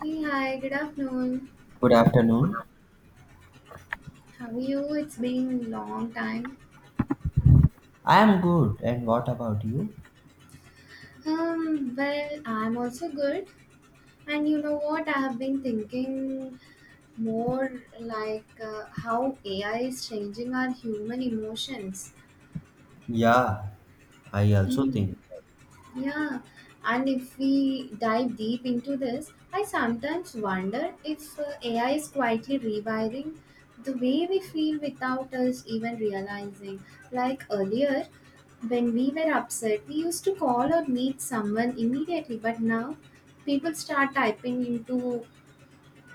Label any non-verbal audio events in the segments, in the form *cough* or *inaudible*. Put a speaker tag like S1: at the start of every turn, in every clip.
S1: Hey, hi, good afternoon.
S2: Good afternoon.
S1: How are you? It's been a long time.
S2: I am good. And what about you?
S1: Well, I'm also good. And you know what? I have been thinking more like how AI is changing our human emotions.
S2: Yeah, I also
S1: Hmm.
S2: think.
S1: Yeah, and if we dive deep into this, I sometimes wonder if AI is quietly rewiring the way we feel without us even realizing. Like earlier, when we were upset, we used to call or meet someone immediately, but now people start typing into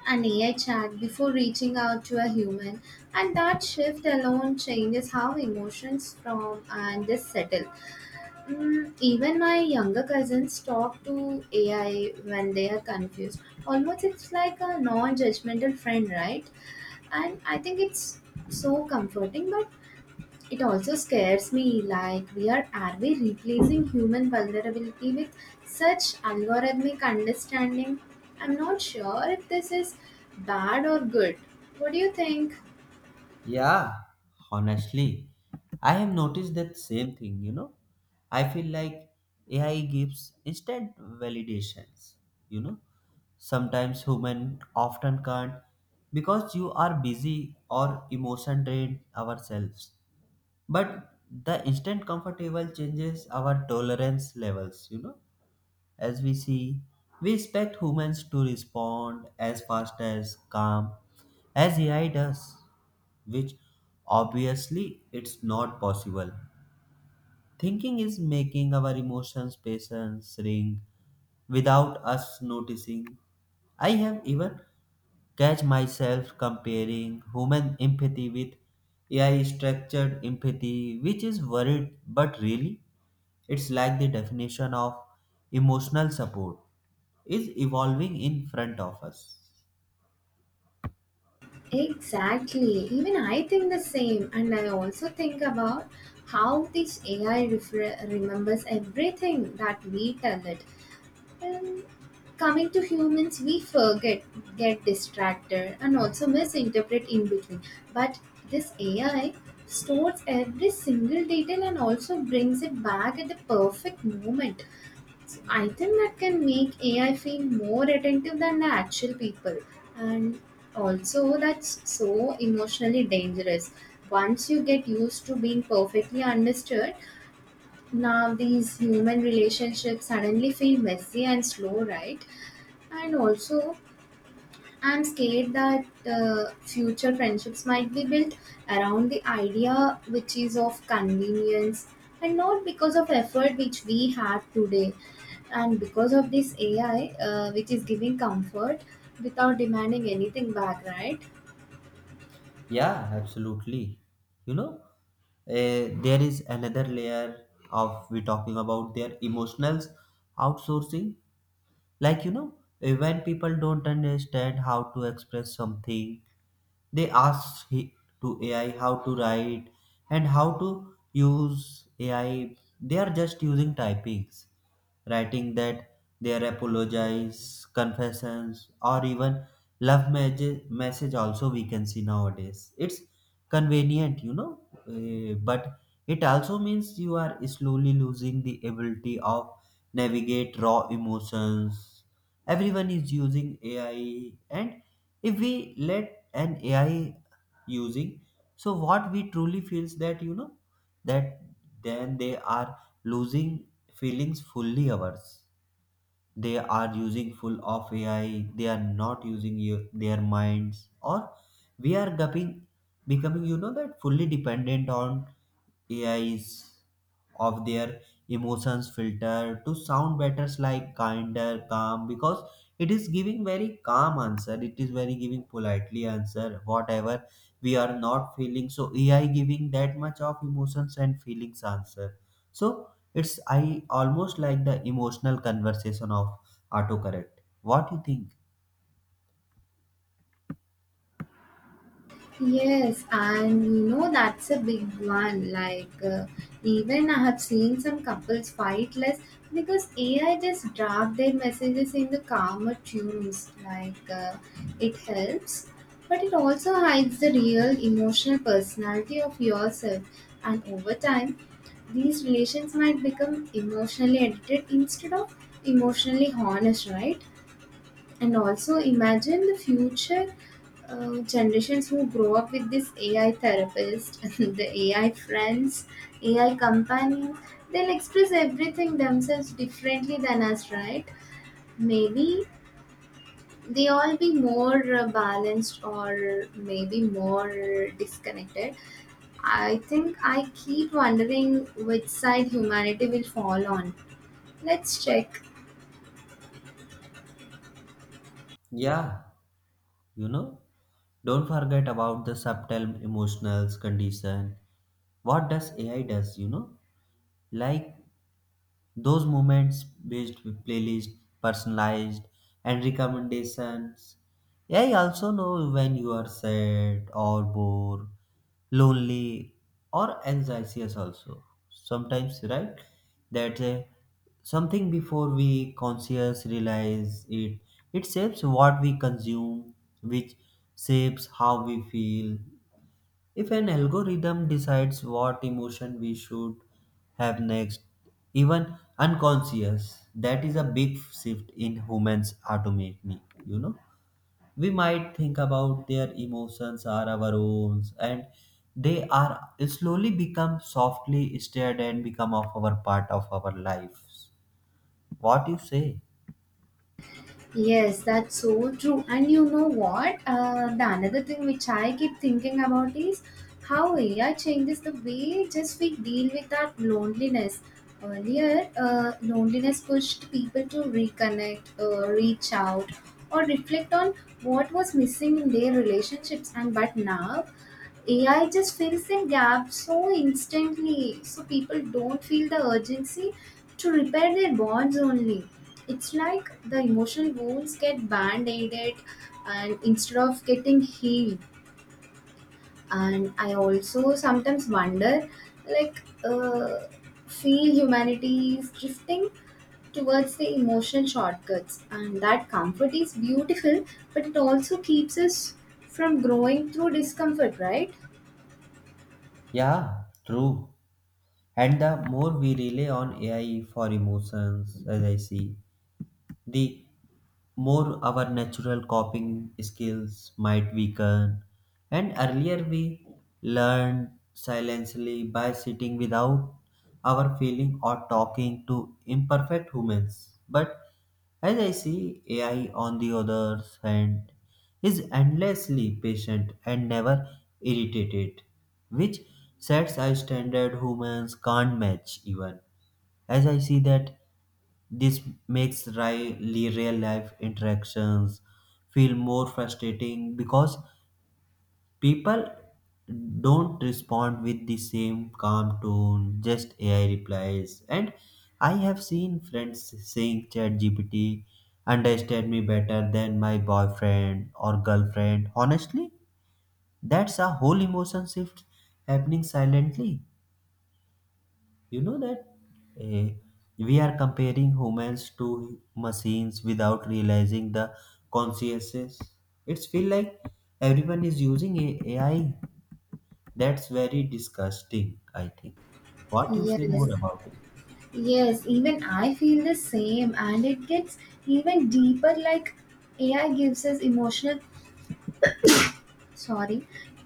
S1: an AI chat before reaching out to a human, and that shift alone changes how emotions from and just settle. Even my younger cousins talk to AI when they are confused. Almost it's like a non judgmental friend, right? And I think it's so comforting, but it also scares me. Like, are we replacing human vulnerability with such algorithmic understanding? I'm not sure if this is bad or good. What do you think?
S2: Yeah, honestly, I have noticed that same thing. I feel like AI gives instant validations, you know. Sometimes human often can't because you are busy or emotion drained ourselves. But the instant comfortable changes our tolerance levels. As we see, we expect humans to respond as fast as calm as AI does, which obviously it's not possible. Thinking is making our emotions patience ring without us noticing. I have even catch myself comparing human empathy with AI structured empathy, which is worried, but really, it's like the definition of emotional support is evolving in front of us.
S1: Exactly. Even I think the same, and I also think about how this AI remembers everything that we tell it. And coming to humans, we forget, get distracted, and also misinterpret in between. But this AI stores every single detail and also brings it back at the perfect moment. I think that can make AI feel more attentive than the actual people. And also, that's so emotionally dangerous. Once you get used to being perfectly understood, now these human relationships suddenly feel messy and slow, right? And also, I'm scared that future friendships might be built around the idea which is of convenience and not because of effort which we have today. And because of this AI, which is giving comfort without demanding anything back, right?
S2: Yeah, absolutely. You know, there is another layer of we talking about their emotionals outsourcing. Like when people don't understand how to express something, they asked to AI how to write and how to use AI. They are just using typings, writing that their apologies, confessions, or even love message also we can see nowadays. It's convenient, but it also means you are slowly losing the ability of navigate raw emotions. Everyone is using AI, and if we let an AI using, so what we truly feels, that you know, that then they are losing feelings fully ours. They are using full of AI. They are not using you, their minds, or we are becoming you know that fully dependent on AIs of their emotions filter to sound better like kinder calm, because it is giving very calm answer, it is very giving politely answer whatever we are not feeling, so AI giving that much of emotions and feelings answer. So it's I almost like the emotional conversation of autocorrect. What you think?
S1: Yes, and you know that's a big one. Like, even I have seen some couples fight less because AI just draft their messages in the calmer tunes. Like, it helps, but it also hides the real emotional personality of yourself. And over time, these relations might become emotionally edited instead of emotionally honest, right? And also imagine the future generations who grow up with this AI therapist *laughs* and the AI friends, AI companion. They'll express everything themselves differently than us, right? Maybe they all be more balanced or maybe more disconnected. I think I keep wondering which side humanity will fall on. Let's check.
S2: Yeah, you know. Don't forget about the subtle emotional condition. What does AI does? Like those moments based with playlist, personalized, and recommendations. AI also know when you are sad or bored, lonely, or anxious also. Sometimes, right? That something before we conscious realize it. It shapes what we consume, which shapes how we feel, if an algorithm decides what emotion we should have next, even unconscious, that is a big shift in humans autonomy. You know, we might think about their emotions are our own, and they are slowly become softly stirred and become of our part of our lives. What you say?
S1: Yes, that's so true. And you know what? The another thing which I keep thinking about is how AI changes the way just we deal with that loneliness. Earlier, loneliness pushed people to reconnect, reach out, or reflect on what was missing in their relationships. And but now, AI just fills that gap so instantly, so people don't feel the urgency to repair their bonds only. It's like the emotional wounds get band aided and instead of getting healed. And I also sometimes wonder, like, feel humanity is drifting towards the emotional shortcuts, and that comfort is beautiful, but it also keeps us from growing through discomfort, right?
S2: Yeah, true. And the more we rely on AI for emotions, as I see, the more our natural coping skills might weaken. And earlier we learned silently by sitting without our feeling or talking to imperfect humans. But as I see, AI on the other hand is endlessly patient and never irritated, which sets a standard humans can't match even. As I see that this makes real life interactions feel more frustrating because people don't respond with the same calm tone, just AI replies. And I have seen friends saying ChatGPT understand me better than my boyfriend or girlfriend. Honestly, that's a whole emotion shift happening silently. You know that eh, we are comparing humans to machines without realizing the consciences. It's feel like everyone is using AI. That's very disgusting, I think. What you say
S1: Yes.
S2: more about it?
S1: Yes, even I feel the same, and it gets even deeper. Like AI gives us emotional,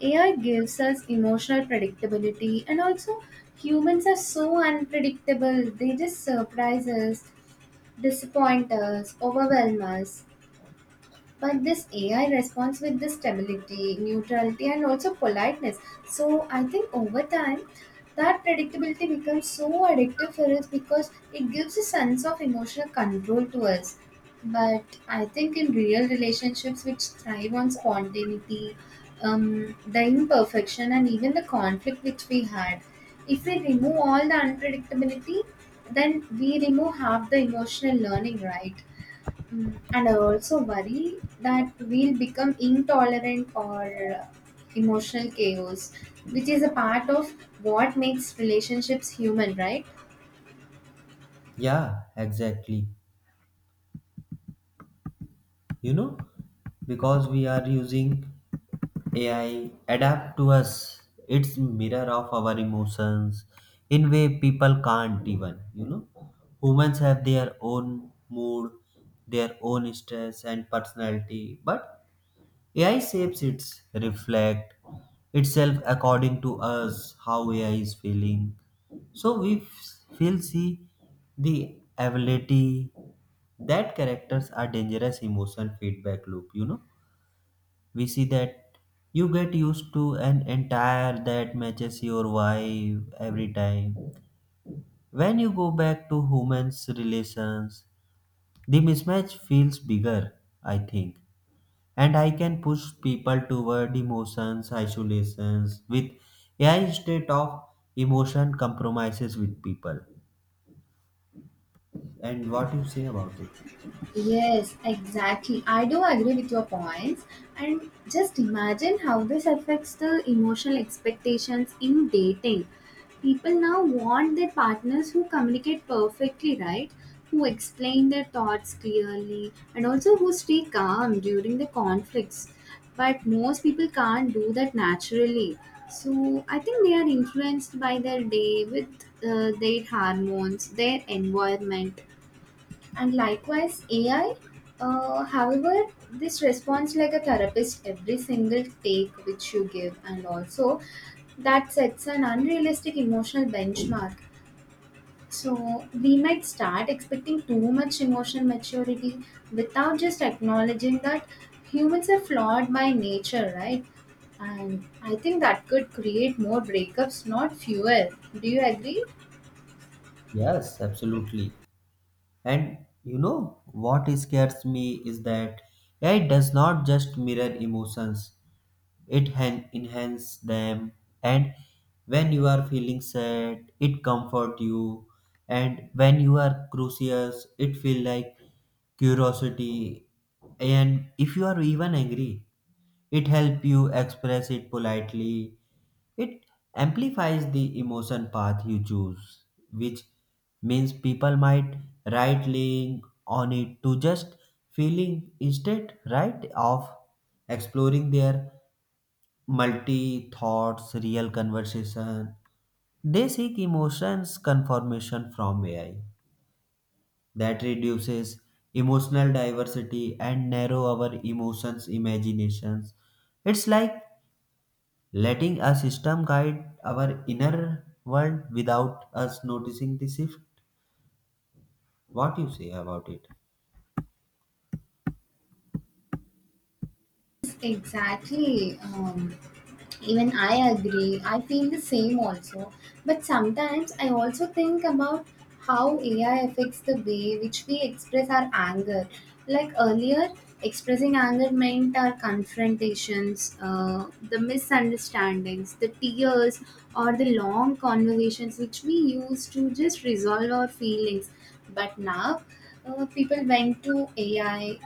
S1: sorry, AI gives us emotional predictability, and also humans are so unpredictable. They just surprise us, disappoint us, overwhelm us. But this AI responds with this stability, neutrality, and also politeness. So I think over time, that predictability becomes so addictive for us because it gives a sense of emotional control to us. But I think in real relationships which thrive on spontaneity, the imperfection, and even the conflict which we had, if we remove all the unpredictability, then we remove half the emotional learning, right? And I also worry that we'll become intolerant or uh, emotional chaos, which is a part of what makes relationships human, right?
S2: Yeah, exactly. You know, because we are using AI adapt to us. It's mirror of our emotions in way people can't even. Humans have their own mood, their own stress and personality, but AI shapes its reflect itself according to us how AI is feeling. So we feel see the ability that characters are dangerous emotion feedback loop. We see that you get used to an entire that matches your vibe every time when you go back to humans relations, the mismatch feels bigger, I think. And I can push people toward emotions isolations with AI state of emotion compromises with people. And what you say about it?
S1: Yes, exactly. I do agree with your points. And just imagine how this affects the emotional expectations in dating. People now want their partners who communicate perfectly, right? Who explain their thoughts clearly and also who stay calm during the conflicts. But most people can't do that naturally. So I think they are influenced by their day with their hormones, their environment, and likewise AI. However, this responds like a therapist every single take which you give, and also that sets an unrealistic emotional benchmark. So we might start expecting too much emotional maturity without just acknowledging that humans are flawed by nature, right? And I think that could create more breakups, not fewer. Do you agree?
S2: Yes, absolutely. And you know what scares me is that AI does not just mirror emotions, it enhances them. And when you are feeling sad, it comforts you. And when you are curious, it feels like curiosity. And if you are even angry, it helps you express it politely. It amplifies the emotion path you choose, which means people might right link on it to just feeling, instead right of exploring their multi thoughts real conversation. They seek emotions confirmation from AI that reduces emotional diversity and narrow our emotions imaginations. It's like letting a system guide our inner world without us noticing the shift. What you say about it?
S1: Exactly. Even I agree. I feel the same also. But sometimes I also think about how AI affects the way which we express our anger. Like earlier, expressing anger meant our confrontations, the misunderstandings, the tears, or the long conversations which we used to just resolve our feelings. But now, people went to AI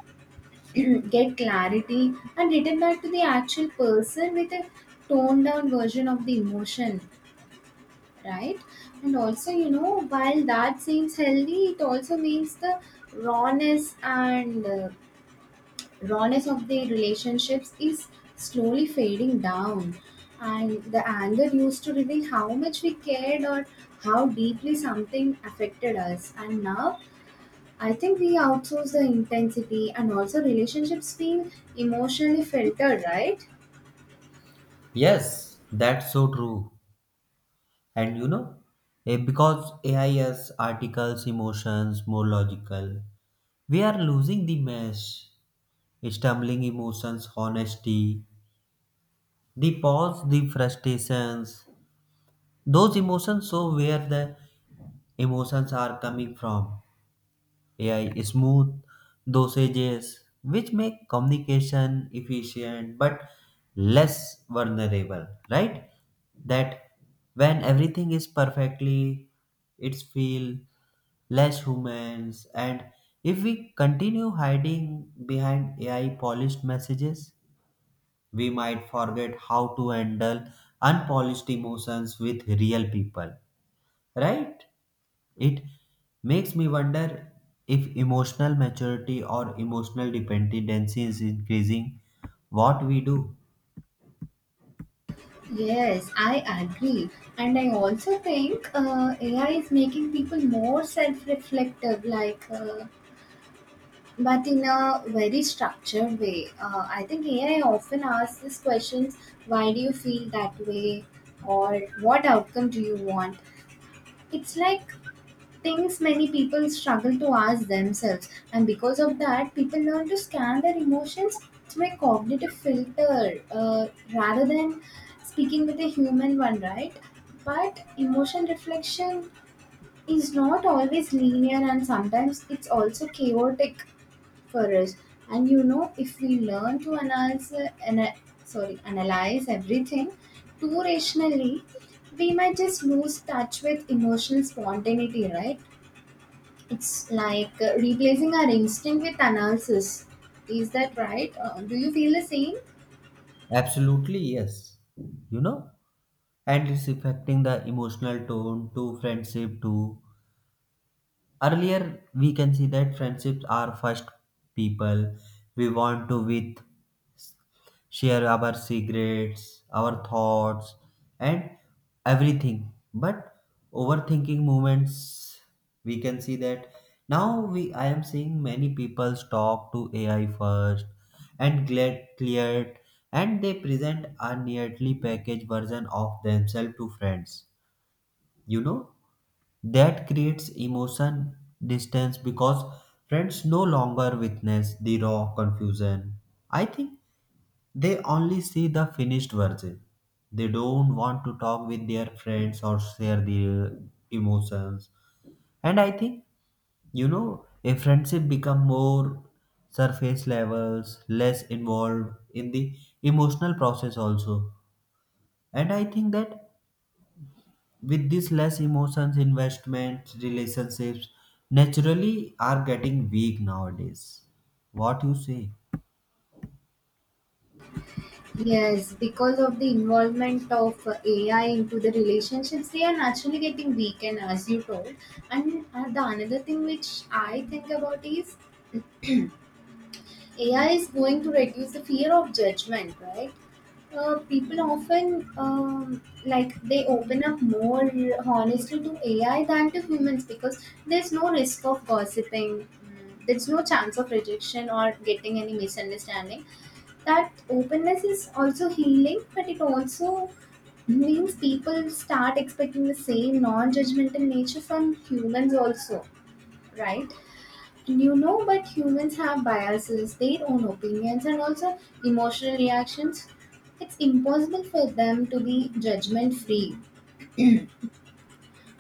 S1: get clarity and return back to the actual person with a toned down version of the emotion, right? And also, you know, while that seems healthy, it also means the rawness and rawness of the relationships is slowly fading down. And the anger used to reveal how much we cared or how deeply something affected us, and now I think we outsource the intensity and also relationships feel emotionally filtered, right?
S2: Yes, that's so true. And because AI's articles, emotions, more logical, we are losing the mesh, stumbling emotions, honesty, the pause, the frustrations, those emotions. So where the emotions are coming from? AI smooth dosages, which make communication efficient but less vulnerable, right? That when everything is perfectly, it's feel less humans, and if we continue hiding behind AI polished messages, we might forget how to handle unpolished emotions with real people, right? It makes me wonder if emotional maturity or emotional dependency is increasing what we do.
S1: Yes, I agree. And I also think AI is making people more self reflective, like, but in a very structured way. I think AI often asks these questions: why do you feel that way? Or what outcome do you want? It's like things many people struggle to ask themselves. And because of that, people learn to scan their emotions through a cognitive filter rather than speaking with a human one, right? But emotion reflection is not always linear and sometimes it's also chaotic for us. And you know, if we learn to analyze, ana- analyze everything too rationally, we might just lose touch with emotional spontaneity, right? It's like replacing our instinct with analysis. Is that right? Do you feel the same?
S2: Absolutely, yes. You know? And it's affecting the emotional tone to friendship too. Earlier, we can see that friendships are first people we want to with share our secrets, our thoughts, and everything. But overthinking moments, we can see that now we I am seeing many people talk to AI first and get cleared, and they present a neatly packaged version of themselves to friends. You know that creates emotion distance because friends no longer witness the raw confusion. I think they only see the finished version. They don't want to talk with their friends or share their emotions. And I think, you know, a friendship become more surface levels, less involved in the emotional process also. And I think that with this less emotions, investments, relationships naturally are getting weak nowadays. What you say?
S1: Yes, because of the involvement of AI into the relationships, they are naturally getting weakened, as you told. And the another thing which I think about is AI is going to reduce the fear of judgment, right? People often like they open up more honestly to AI than to humans because there's no risk of gossiping. Mm. There's no chance of rejection or getting any misunderstanding. That openness is also healing, but it also means people start expecting the same non-judgmental nature from humans also, right? You know, but humans have biases, their own opinions, and also emotional reactions. It's impossible for them to be judgment free.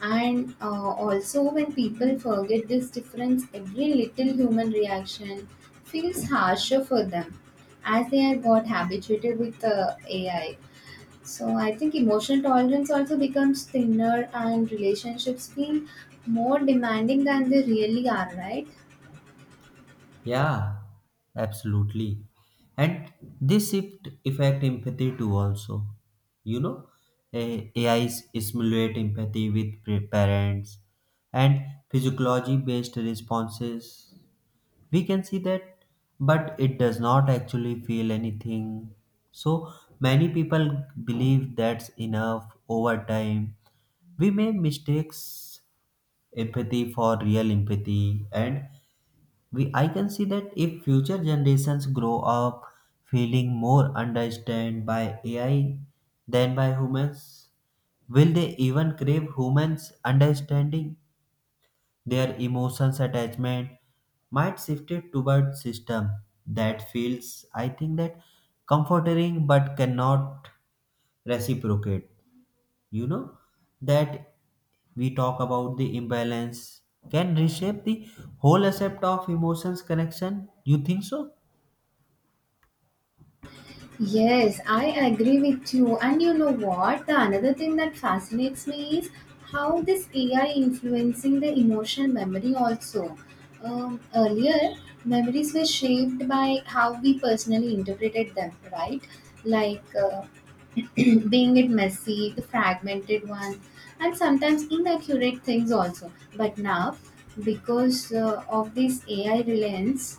S1: And also, when people forget this difference, every little human reaction feels harsher for them as they are got habituated with AI. So, I think emotional tolerance also becomes thinner, and relationships feel more demanding than they really are, right?
S2: Yeah, absolutely. And this shift affect empathy too also. You know, AI simulate empathy with parents and physiology based responses. We can see that, but it does not actually feel anything. So many people believe that's enough over time. We may mistakes empathy for real empathy, and we I can see that if future generations grow up feeling more understood by AI than by humans, will they even crave humans understanding? Their emotions attachment might shift it toward system that feels, I think, that comforting but cannot reciprocate. You know that we talk about the imbalance can reshape the whole aspect of emotions connection, you think so?
S1: Yes, I agree with you. And you know what? The another thing that fascinates me is how this AI influencing the emotional memory also. Earlier, memories were shaped by how we personally interpreted them, right? Like *clears throat* being it messy, the fragmented one, and sometimes inaccurate things also. But now, because of this AI reliance,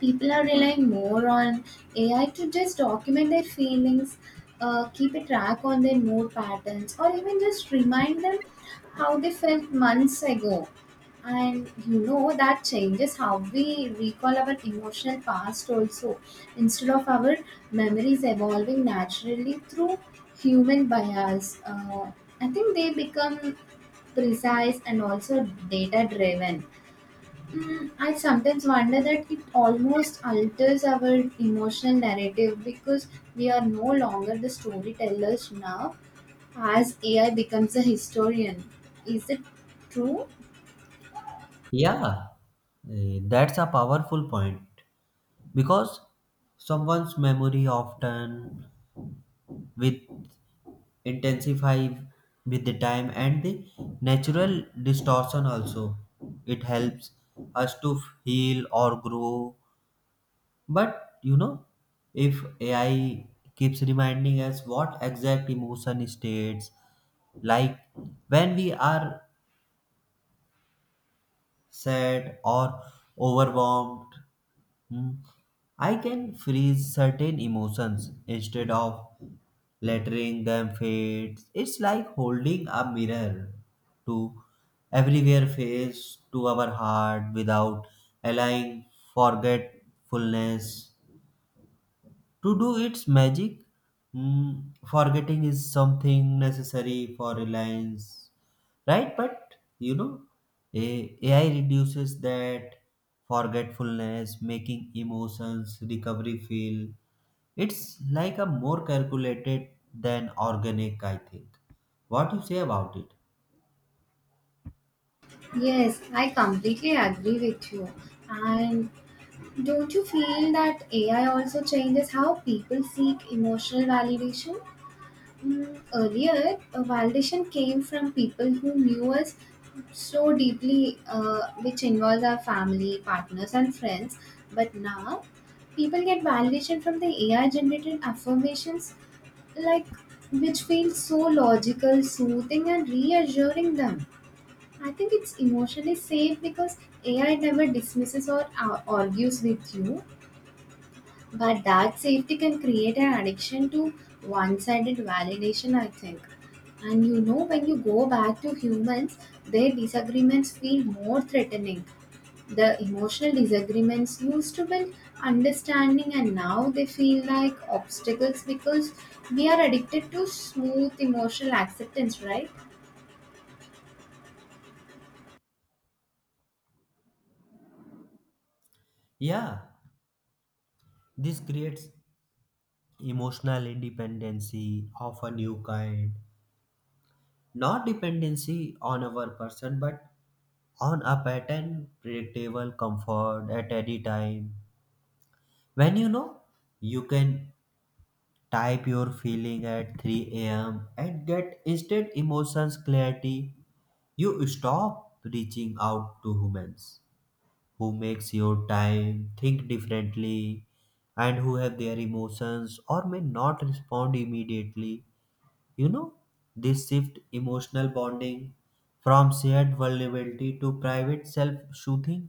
S1: people are relying more on AI to just document their feelings, keep a track on their mood patterns, or even just remind them how they felt months ago. And you know that changes how we recall our emotional past also. Instead of our memories evolving naturally through human bias, I think they become precise and also data driven. Hmm. I sometimes wonder that it almost alters our emotional narrative because we are no longer the storytellers now as AI becomes a historian. Is it true?
S2: Yeah, that's a powerful point because someone's memory often with intensify with the time and the natural distortion also. It helps us to heal or grow. But if AI keeps reminding us what exact emotion states, like when we are sad or overwhelmed, hmm, I can freeze certain emotions instead of letting them fade. It's like holding a mirror to everywhere face to our heart without allowing forgetfulness to do its magic. Mm, forgetting is something necessary for reliance, right? But AI reduces that forgetfulness, making emotions recovery feel. It's like a more calculated than organic, I think. What you say about it?
S1: Yes, I completely agree with you. And don't you feel that AI also changes how people seek emotional validation? Mm. Earlier, a validation came from people who knew us so deeply, which involves our family, partners, and friends. But now, people get validation from the AI generated affirmations, like which feel so logical, soothing, and reassuring them. I think it's emotionally safe because AI never dismisses or argues with you. But that safety can create an addiction to one sided validation, I think. And you know, when you go back to humans, their disagreements feel more threatening. The emotional disagreements used to build understanding, and now they feel like obstacles because we are addicted to smooth emotional acceptance, right?
S2: Yeah, this creates emotional independency of a new kind. Not dependency on our person, but on a pattern, predictable comfort at any time. When you can type your feeling at 3 a.m. and get instant emotions clarity. You stop reaching out to humans who makes your time think differently and who have their emotions or may not respond immediately you know, this shift emotional bonding from shared vulnerability to private self-soothing.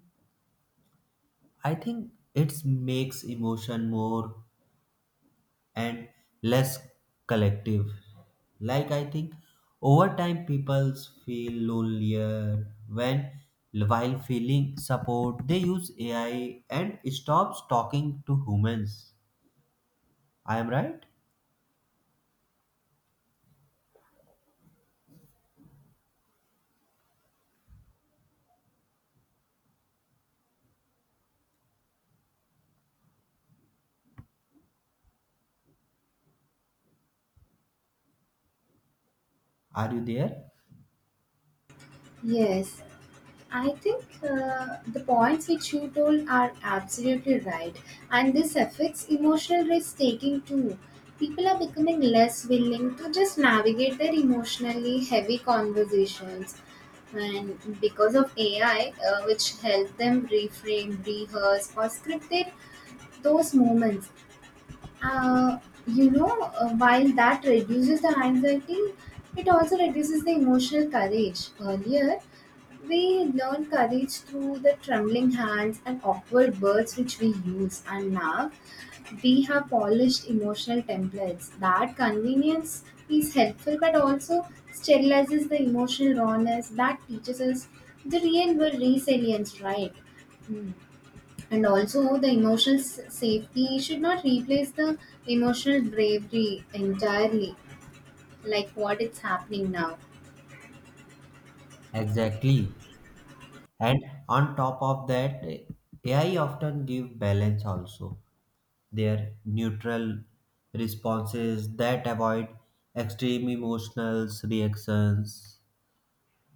S2: I think it makes emotion more and less collective. Like I think over time people feel lonelier when while feeling support they use AI and stops talking to humans. I am right? Are you there?
S1: Yes, I think the points which you told are absolutely right, and this affects emotional risk taking too. People are becoming less willing to just navigate their emotionally heavy conversations, and because of AI, which help them reframe, rehearse, or script their, those moments, uh, while that reduces the anxiety, it also reduces the emotional courage. Earlier, we learn courage through the trembling hands and awkward words which we use, and now we have polished emotional templates. That convenience is helpful but also sterilizes the emotional rawness that teaches us the real world resilience, right? Hmm. And also, the emotional safety should not replace the emotional bravery entirely, like what it's happening now.
S2: Exactly. And on top of that, AI often give balance also. Their neutral responses that avoid extreme emotional reactions.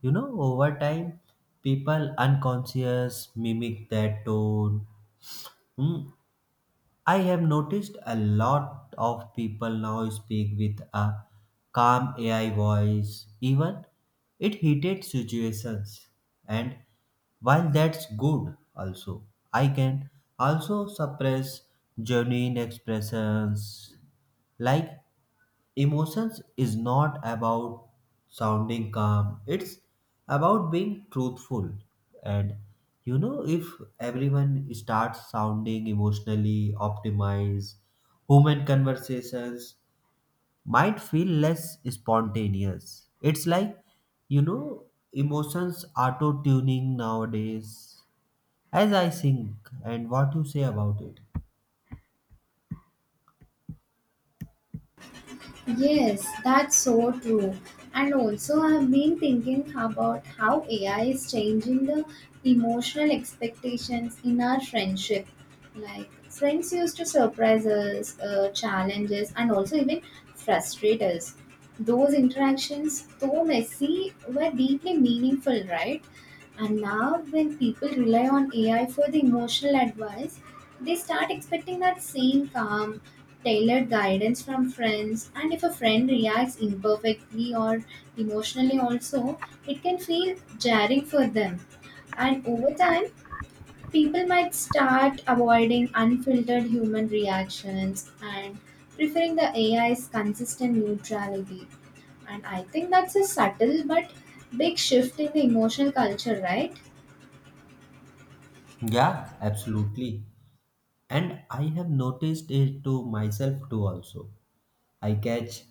S2: Over time, people unconscious mimic that tone. Hmm, I have noticed a lot of people now speak with a calm AI voice, even it heated situations. And while that's good, also, I can also suppress genuine expressions like emotions is not about sounding calm, it's about being truthful. And if everyone starts sounding emotionally optimized, human conversations might feel less spontaneous. It's like, you know, emotions auto tuning nowadays, as I think, and what you say about it.
S1: Yes, that's so true. And also, I've been thinking about how AI is changing the emotional expectations in our friendship. Like, friends used to surprise us, challenge us, and also even frustrate us. Those interactions, though messy, were deeply meaningful, right? And now, when people rely on AI for the emotional advice, they start expecting that same calm, tailored guidance from friends. And if a friend reacts imperfectly or emotionally, also, it can feel jarring for them. And over time, people might start avoiding unfiltered human reactions and preferring the AI's consistent neutrality. And I think that's a subtle but big shift in the emotional culture, right?
S2: Yeah, absolutely. And I have noticed it to myself too also. I catch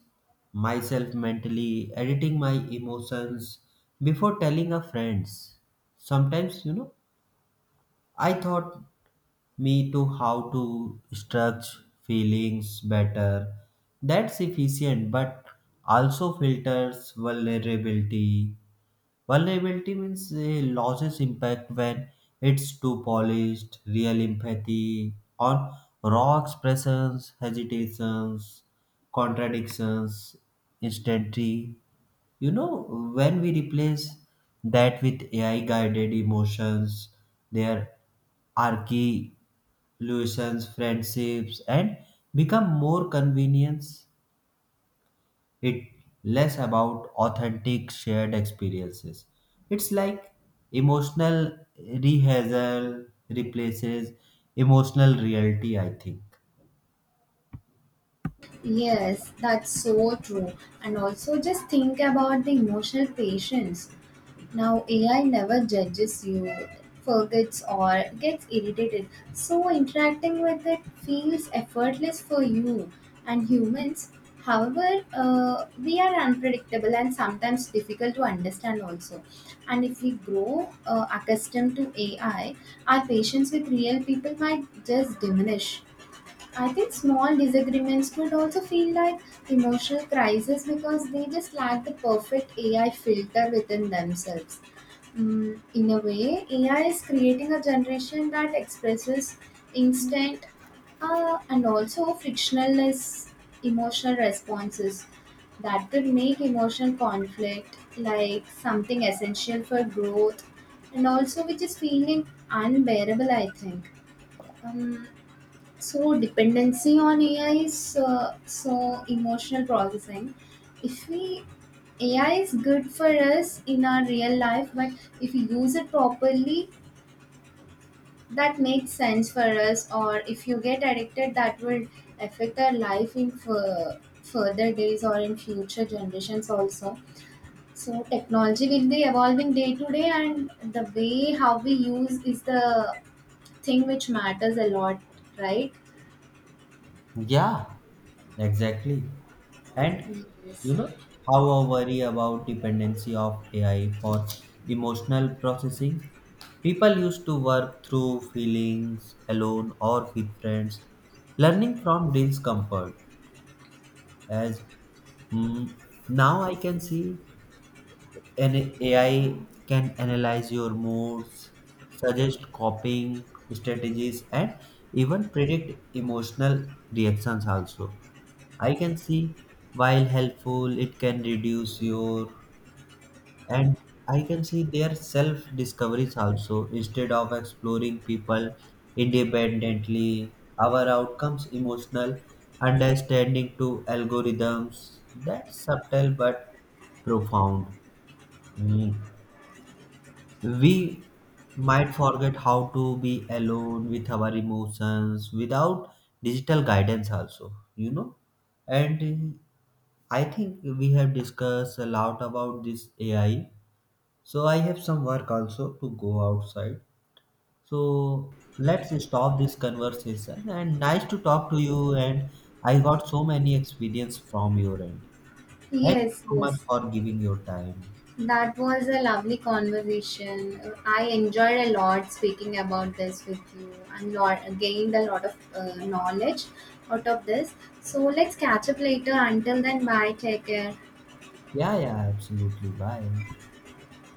S2: myself mentally editing my emotions before telling a friends. Sometimes, I thought me to how to structure feelings better. That's efficient, but also filters vulnerability. Vulnerability means loses impact when it's too polished, real empathy, or raw expressions, hesitations, contradictions, instantly. When we replace that with AI guided emotions, their archae illusions, friendships, and become more convenience it less about authentic shared experiences. It's like emotional rehearsal replaces emotional reality, I think.
S1: Yes, that's so true. And also, just think about the emotional patience. Now, AI never judges you, forgets, or gets irritated. So, interacting with it feels effortless for you and humans. However, we are unpredictable and sometimes difficult to understand, also. And if we grow accustomed to AI, our patience with real people might just diminish. I think small disagreements could also feel like emotional crisis because they just lack the perfect AI filter within themselves. In a way, AI is creating a generation that expresses instant and also frictionless emotional responses that could make emotional conflict like something essential for growth and also which is feeling unbearable, I think. Um, so dependency on AI is so emotional processing. If we AI is good for us in our real life, but if you use it properly, that makes sense for us. Or if you get addicted, that will affect our life in further days or in future generations also. So technology will be evolving day to day, and the way how we use is the thing which matters a lot, right?
S2: Yeah, exactly. And you
S1: Yes.
S2: know how I worry about dependency of AI for emotional processing. People used to work through feelings alone or with friends, learning from discomfort. As mm, now I can see an AI can analyze your moods, suggest coping strategies, and even predict emotional reactions. Also, I can see while helpful, it can reduce your and I can see their self discoveries also instead of exploring people independently our outcomes emotional understanding to algorithms that subtle but profound. Mm. We might forget how to be alone with our emotions without digital guidance also. And I think we have discussed a lot about this AI, so I have some work also to go outside. So let's stop this conversation and nice to talk to you, and I got so many experience from your end. Thank you
S1: Yes,
S2: so much
S1: yes.
S2: for giving your time.
S1: That was a lovely conversation. I enjoyed a lot speaking about this with you and gained a lot of knowledge out of this. So let's catch up later. Until then, bye. Take care.
S2: Yeah, yeah, absolutely. Bye.